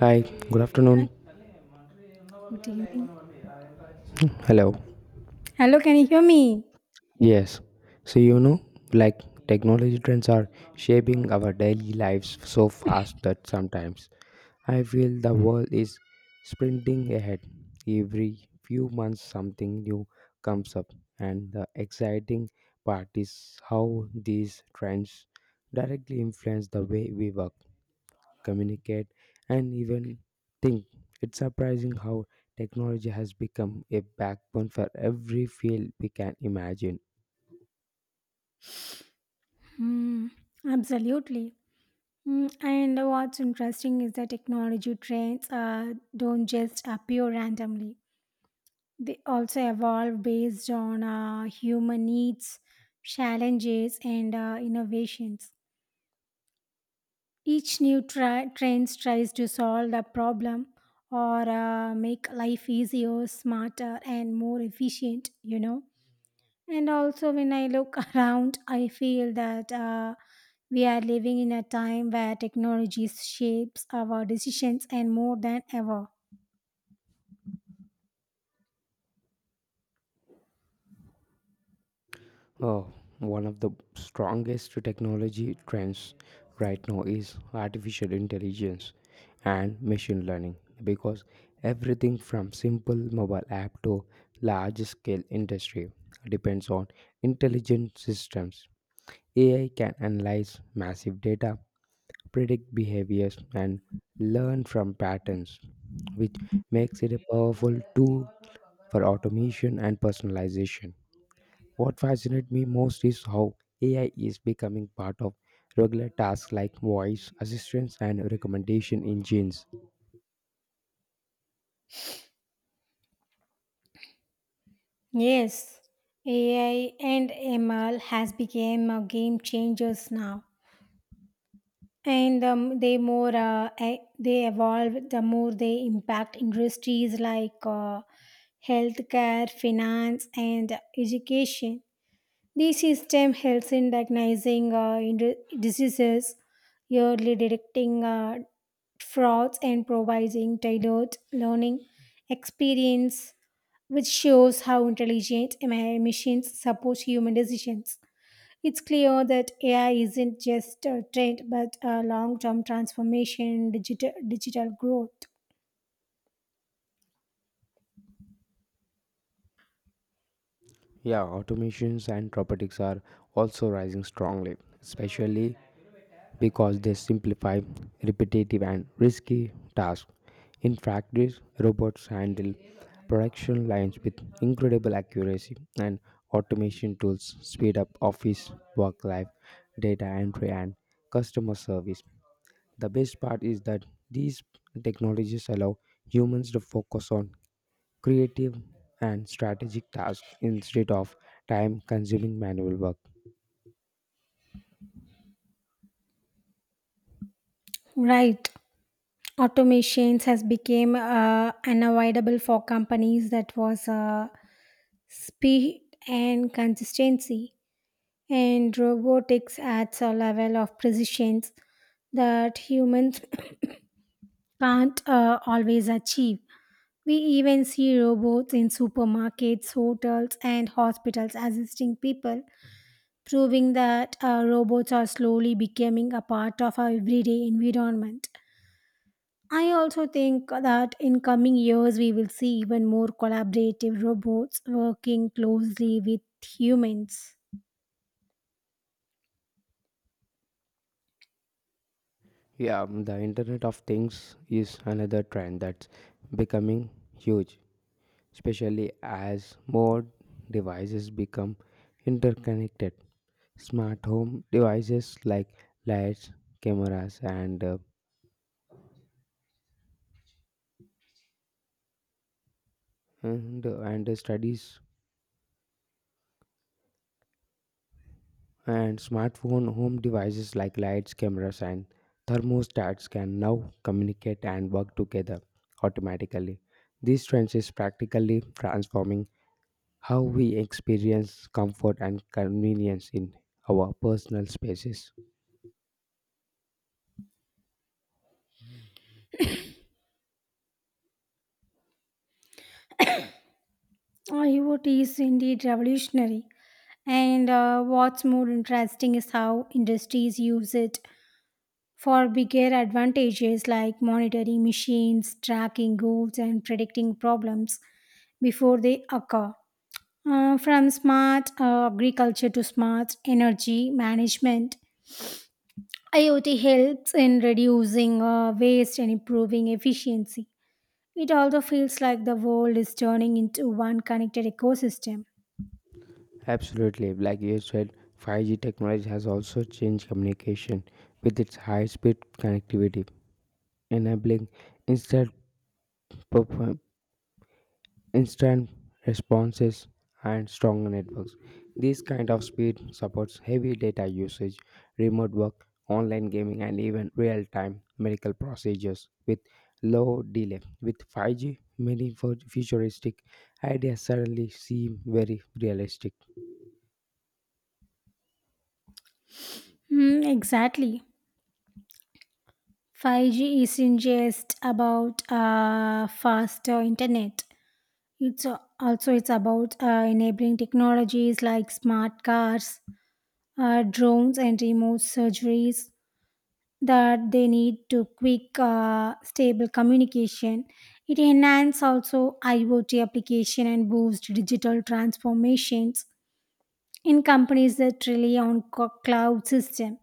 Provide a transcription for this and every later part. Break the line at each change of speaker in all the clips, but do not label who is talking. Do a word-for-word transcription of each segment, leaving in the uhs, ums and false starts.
Hi, good
Hi,
afternoon.
good evening.
Hello.
Hello, can you hear me?
Yes. So, you know, like technology trends are shaping our daily lives so fast that sometimes I feel the world is sprinting ahead. Every few months, something new comes up, and the exciting part is how these trends directly influence the way we work, communicate, and even think. It's surprising how technology has become a backbone for every field we can imagine.
Hmm, absolutely. Mm, and what's interesting is that technology trends uh, don't just appear randomly. They also evolve based on uh, human needs, challenges, and uh, innovations. Each new tri- trend tries to solve the problem or uh, make life easier, smarter, and more efficient, you know. And also, when I look around, I feel that uh, we are living in a time where technology shapes our decisions and more than ever.
Oh, one of the strongest technology trends right now is artificial intelligence and machine learning, because everything from simple mobile app to large scale industry depends on intelligent systems. A I can analyze massive data, predict behaviors, and learn from patterns, which makes it a powerful tool for automation and personalization. What fascinates me most is how A I is becoming part of regular tasks like voice assistance and recommendation engines.
Yes, A I and M L has become uh, game changers now. And um, they more uh, e- They evolve, the more they impact industries like uh, healthcare, finance, and education. The system helps in diagnosing uh, ind- diseases, early detecting uh, frauds, and providing tailored learning experience, which shows how intelligent M I machines support human decisions. It's clear that A I isn't just a trend but a long term transformation in digital, digital growth.
Yeah, automations and robotics are also rising strongly, especially because they simplify repetitive and risky tasks. In practice, robots handle production lines with incredible accuracy, and automation tools speed up office work life, data entry, and customer service. The best part is that these technologies allow humans to focus on creative and strategic tasks instead of time consuming manual work.
Right. Automations has become uh, unavoidable for companies that was uh, speed and consistency, and robotics adds a level of precision that humans can't uh, always achieve. We even see robots in supermarkets, hotels, and hospitals assisting people, proving that uh, robots are slowly becoming a part of our everyday environment. I also think that in coming years we will see even more collaborative robots working closely with humans.
Yeah, mm, the Internet of Things is another trend that's becoming huge, especially as more devices become interconnected. Smart home devices like lights, cameras, and uh, and, and studies and smartphone home devices like lights, cameras, and thermostats can now communicate and work together automatically. These trends is practically transforming how we experience comfort and convenience in our personal spaces.
IoT is indeed revolutionary, and uh, what's more interesting is how industries use it for bigger advantages like monitoring machines, tracking goods, and predicting problems before they occur. Uh, from smart uh, agriculture to smart energy management, IoT helps in reducing uh, waste and improving efficiency. It also feels like the world is turning into one connected ecosystem.
Absolutely, like you said, five G technology has also changed communication with its high speed connectivity, enabling instant perf- instant responses and strong networks. This kind of speed supports heavy data usage, remote work, online gaming, and even real-time medical procedures with low delay. With five G, many fu- futuristic ideas suddenly seem very realistic.
Hmm, exactly. five G isn't just about uh, faster internet. It's a- also it's about uh, enabling technologies like smart cars, uh, drones, and remote surgeries that they need to quick uh, stable communication. It enhances also iot application and boost digital transformations in companies that rely on co- cloud system.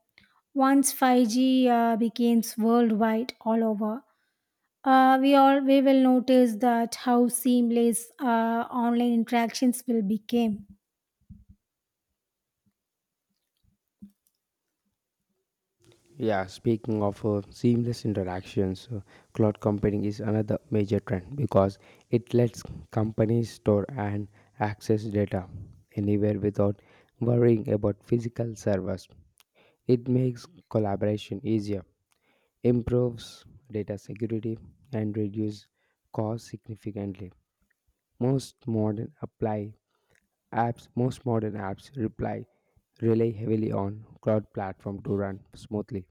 Once five G uh, becomes worldwide all over, uh, we all we will notice that how seamless uh, online interactions will become.
Yeah, speaking of uh, seamless interactions, uh, cloud computing is another major trend because it lets companies store and access data anywhere without worrying about physical servers. It makes collaboration easier, improves data security, and reduces costs significantly. Most modern apply apps, most modern apps reply rely heavily on cloud platform to run smoothly.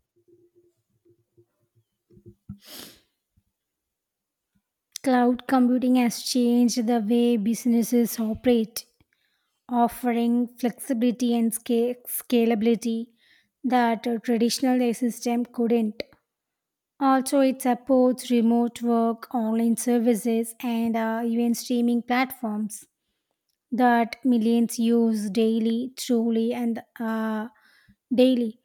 Cloud computing has changed the way businesses operate, offering flexibility and sca- scalability that a traditional system couldn't. Also, it supports remote work, online services, and uh, even streaming platforms that millions use daily, truly, and uh, daily.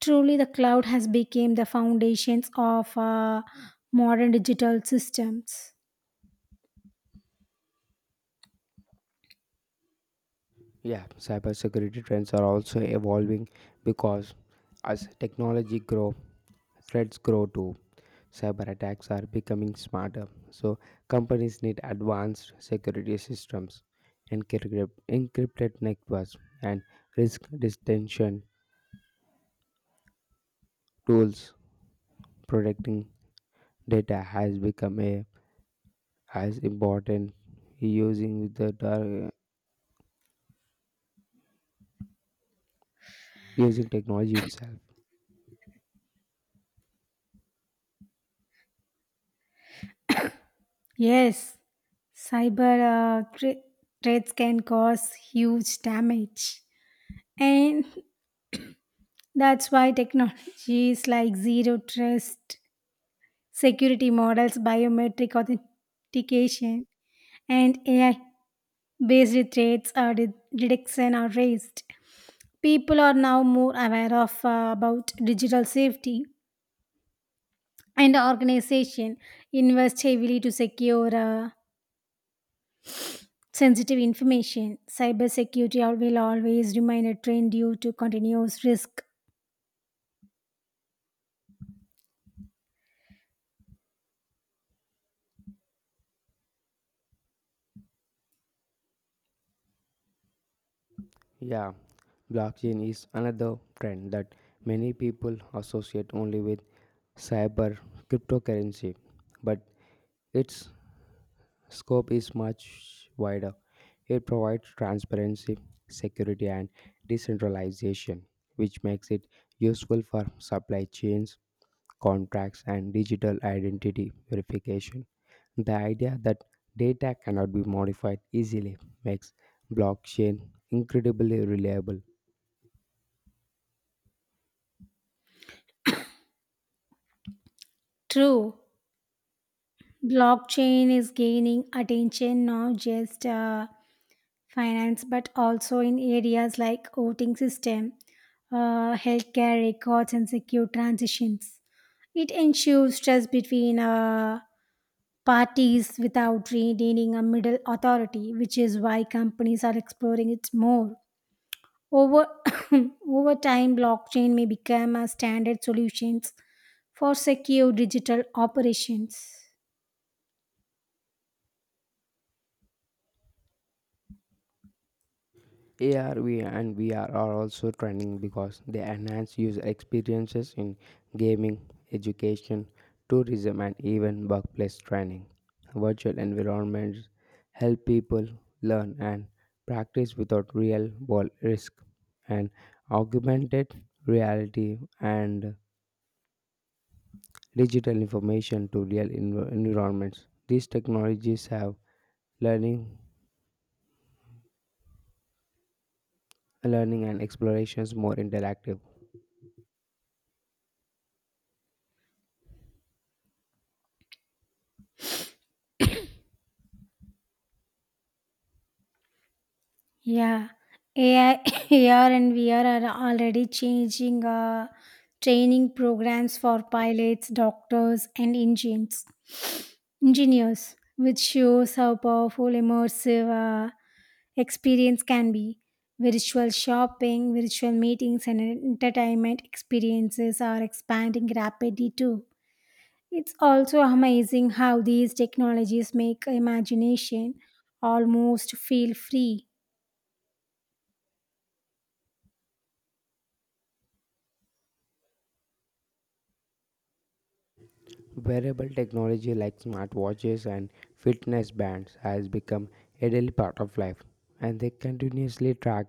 Truly, the cloud has become the foundations of uh, modern digital systems.
Yeah, cybersecurity trends are also evolving because as technology grow, threats grow too. Cyber attacks are becoming smarter, so companies need advanced security systems, encrypted, encrypted networks, and risk detection tools. Protecting data has become a as important using the dark- using technology itself.
Yes, cyber uh, thre- threats can cause huge damage. And that's why technologies like zero trust, security models, biometric authentication, and A I based threats or de- detection are raised. People are now more aware of uh, about digital safety, and organization invest heavily to secure uh, sensitive information. Cybersecurity al- will always remain a trend due to continuous risk.
Yeah, blockchain is another trend that many people associate only with cyber cryptocurrency, but its scope is much wider. It provides transparency, security, and decentralization, which makes it useful for supply chains, contracts, and digital identity verification. The idea that data cannot be modified easily makes blockchain incredibly reliable.
True. Blockchain is gaining attention not just uh, finance but also in areas like voting system, uh, healthcare records, and secure transitions. It ensures trust between uh, parties without needing a middle authority, which is why companies are exploring it more. Over over time, blockchain may become a standard solutions for secure digital operations.
A R V and V R are also trending because they enhance user experiences in gaming, education, tourism, and even workplace training. Virtual environments help people learn and practice without real world risk, and augmented reality and digital information to real env- environments. These technologies have learning learning and explorations more interactive.
Yeah, A I, A R, and V R are already changing uh, training programs for pilots, doctors, and engines, engineers, which shows how powerful immersive uh, experience can be. Virtual shopping, virtual meetings, and entertainment experiences are expanding rapidly too. It's also amazing how these technologies make imagination almost feel free.
Wearable technology like smartwatches and fitness bands has become a daily part of life, and they continuously track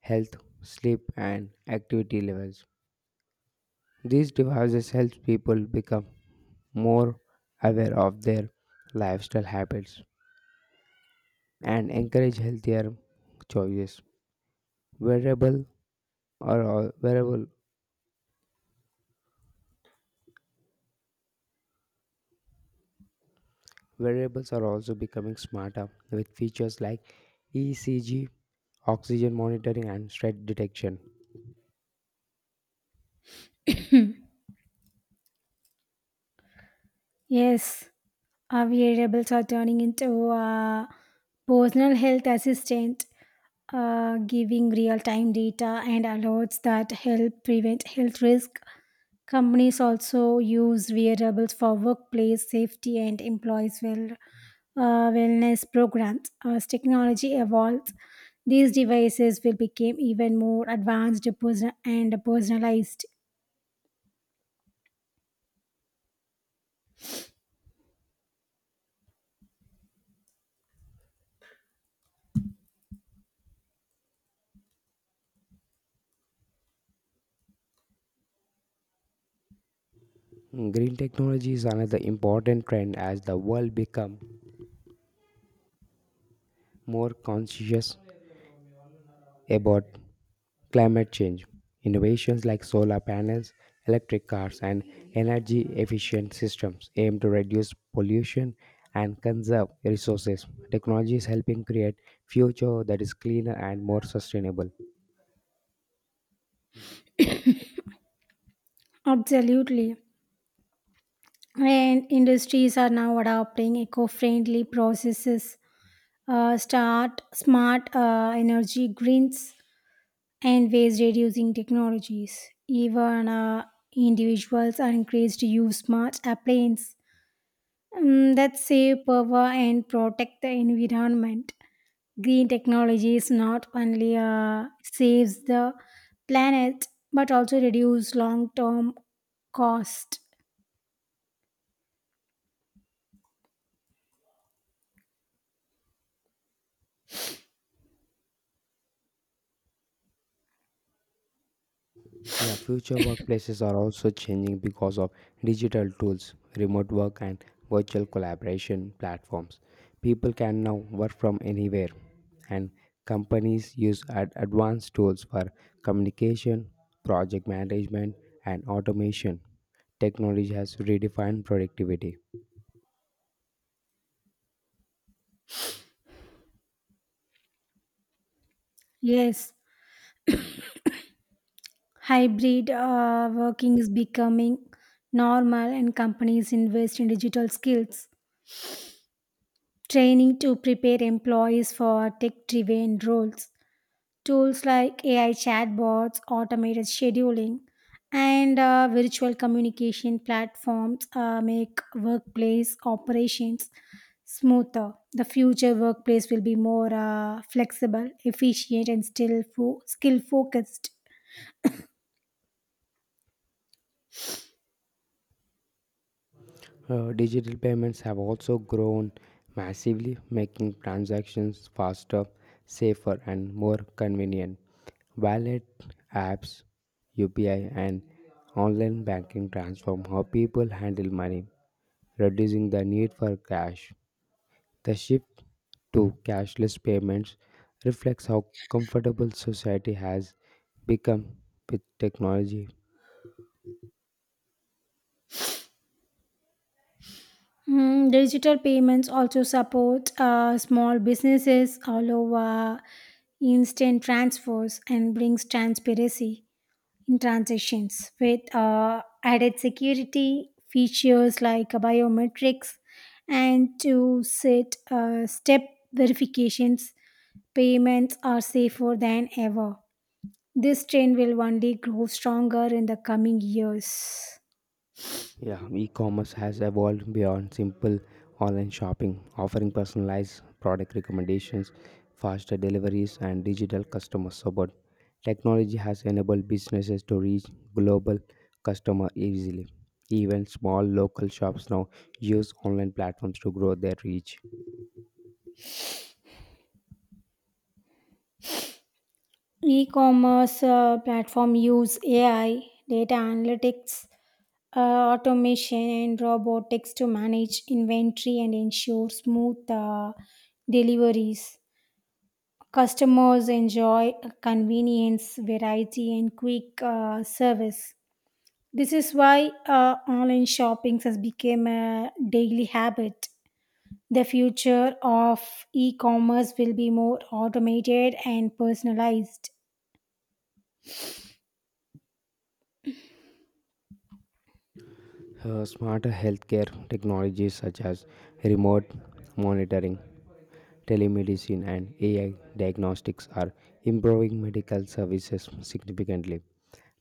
health, sleep, and activity levels. These devices help people become more aware of their lifestyle habits and encourage healthier choices. Wearable Or all wearable wearables are also becoming smarter with features like E C G, oxygen monitoring, and stress detection.
Yes. Our variables are turning into a personal health assistant, uh, giving real time data and alerts that help prevent health risk. Companies also use variables for workplace safety and employees' well, uh, wellness programs. As technology evolves, these devices will become even more advanced person- and personalized.
Hmm, Green technology is another important trend as the world become more conscious about climate change. Innovations like solar panels, electric cars, and energy efficient systems aim to reduce pollution and conserve resources. Technology is helping create future that is cleaner and more sustainable.
Absolutely. And industries are now adopting eco friendly processes, uh, start smart uh, energy greens and waste reducing technologies. Even uh, individuals are encouraged to use smart appliances um, that save power and protect the environment. Green technologies not only uh, saves the planet but also reduce long term cost.
Yeah, future workplaces are also changing because of digital tools, remote work, and virtual collaboration platforms. People can now work from anywhere, and companies use ad- advanced tools for communication, project management, and automation. Technology has redefined productivity.
Yes, hybrid uh, working is becoming normal, and companies invest in digital skills training to prepare employees for tech driven roles. Tools like A I chatbots, automated scheduling, and uh, virtual communication platforms uh, make workplace operations smoother. The future workplace will be more uh, flexible, efficient, and still fo- skill focused.
Uh, digital payments have also grown massively, making transactions faster, safer, and more convenient. Wallet apps, U P I, and online banking transform how people handle money, reducing the need for cash. The shift to cashless payments reflects how comfortable society has become with technology.
Mm, digital payments also support uh, small businesses all over, instant transfers, and brings transparency in transactions with uh, added security features like biometrics and to set uh, step verifications. Payments are safer than ever. This trend will one day grow stronger in the coming years.
Yeah, e-commerce has evolved beyond simple online shopping, offering personalized product recommendations, faster deliveries, and digital customer support. Technology has enabled businesses to reach global customer easily. Even small local shops now use online platforms to grow their reach.
E-commerce uh, platform use ai, data analytics, uh, automation, and robotics to manage inventory and ensure smooth uh, deliveries. Customers enjoy convenience, variety, and quick uh, service. This is why uh, online shopping has become a daily habit. The future of e commerce will be more automated and personalized.
Uh, smarter healthcare technologies such as remote monitoring, telemedicine, and A I diagnostics are improving medical services significantly.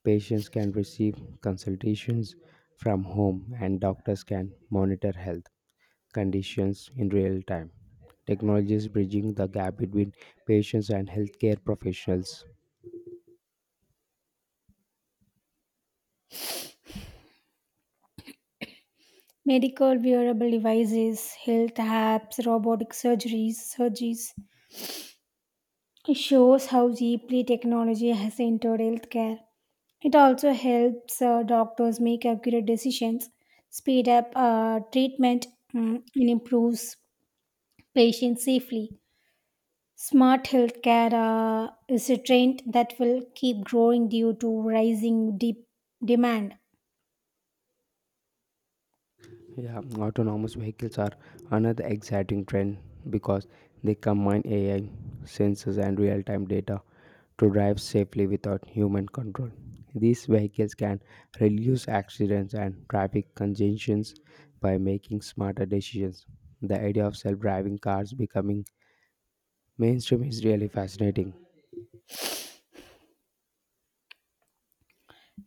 Patients can receive consultations from home, and doctors can monitor health conditions in real time. Technologies bridging the gap between patients and healthcare professionals.
Medical wearable devices, health apps, robotic surgeries, surgeries. It shows how deeply technology has entered healthcare. It also helps uh, doctors make accurate decisions, speed up uh, treatment, mm, and improves patients safely. Smart healthcare uh, is a trend that will keep growing due to rising deep demand.
Yeah, autonomous vehicles are another exciting trend because they combine A I, sensors, and real time data to drive safely without human control. These vehicles can reduce accidents and traffic congestions by making smarter decisions. The idea of self driving cars becoming mainstream is really fascinating.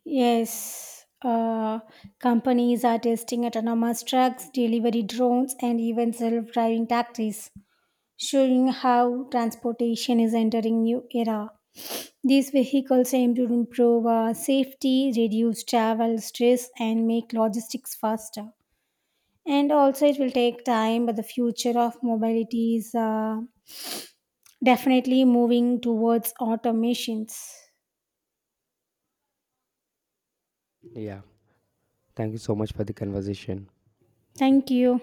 Yes, uh, companies are testing autonomous trucks, delivery drones, and even self driving taxis, showing how transportation is entering new era. These vehicles aim to improve uh, safety, reduce travel stress, and make logistics faster. And also, it will take time, but the future of mobility is uh, definitely moving towards automations.
Yeah, thank you so much for the conversation.
Thank you.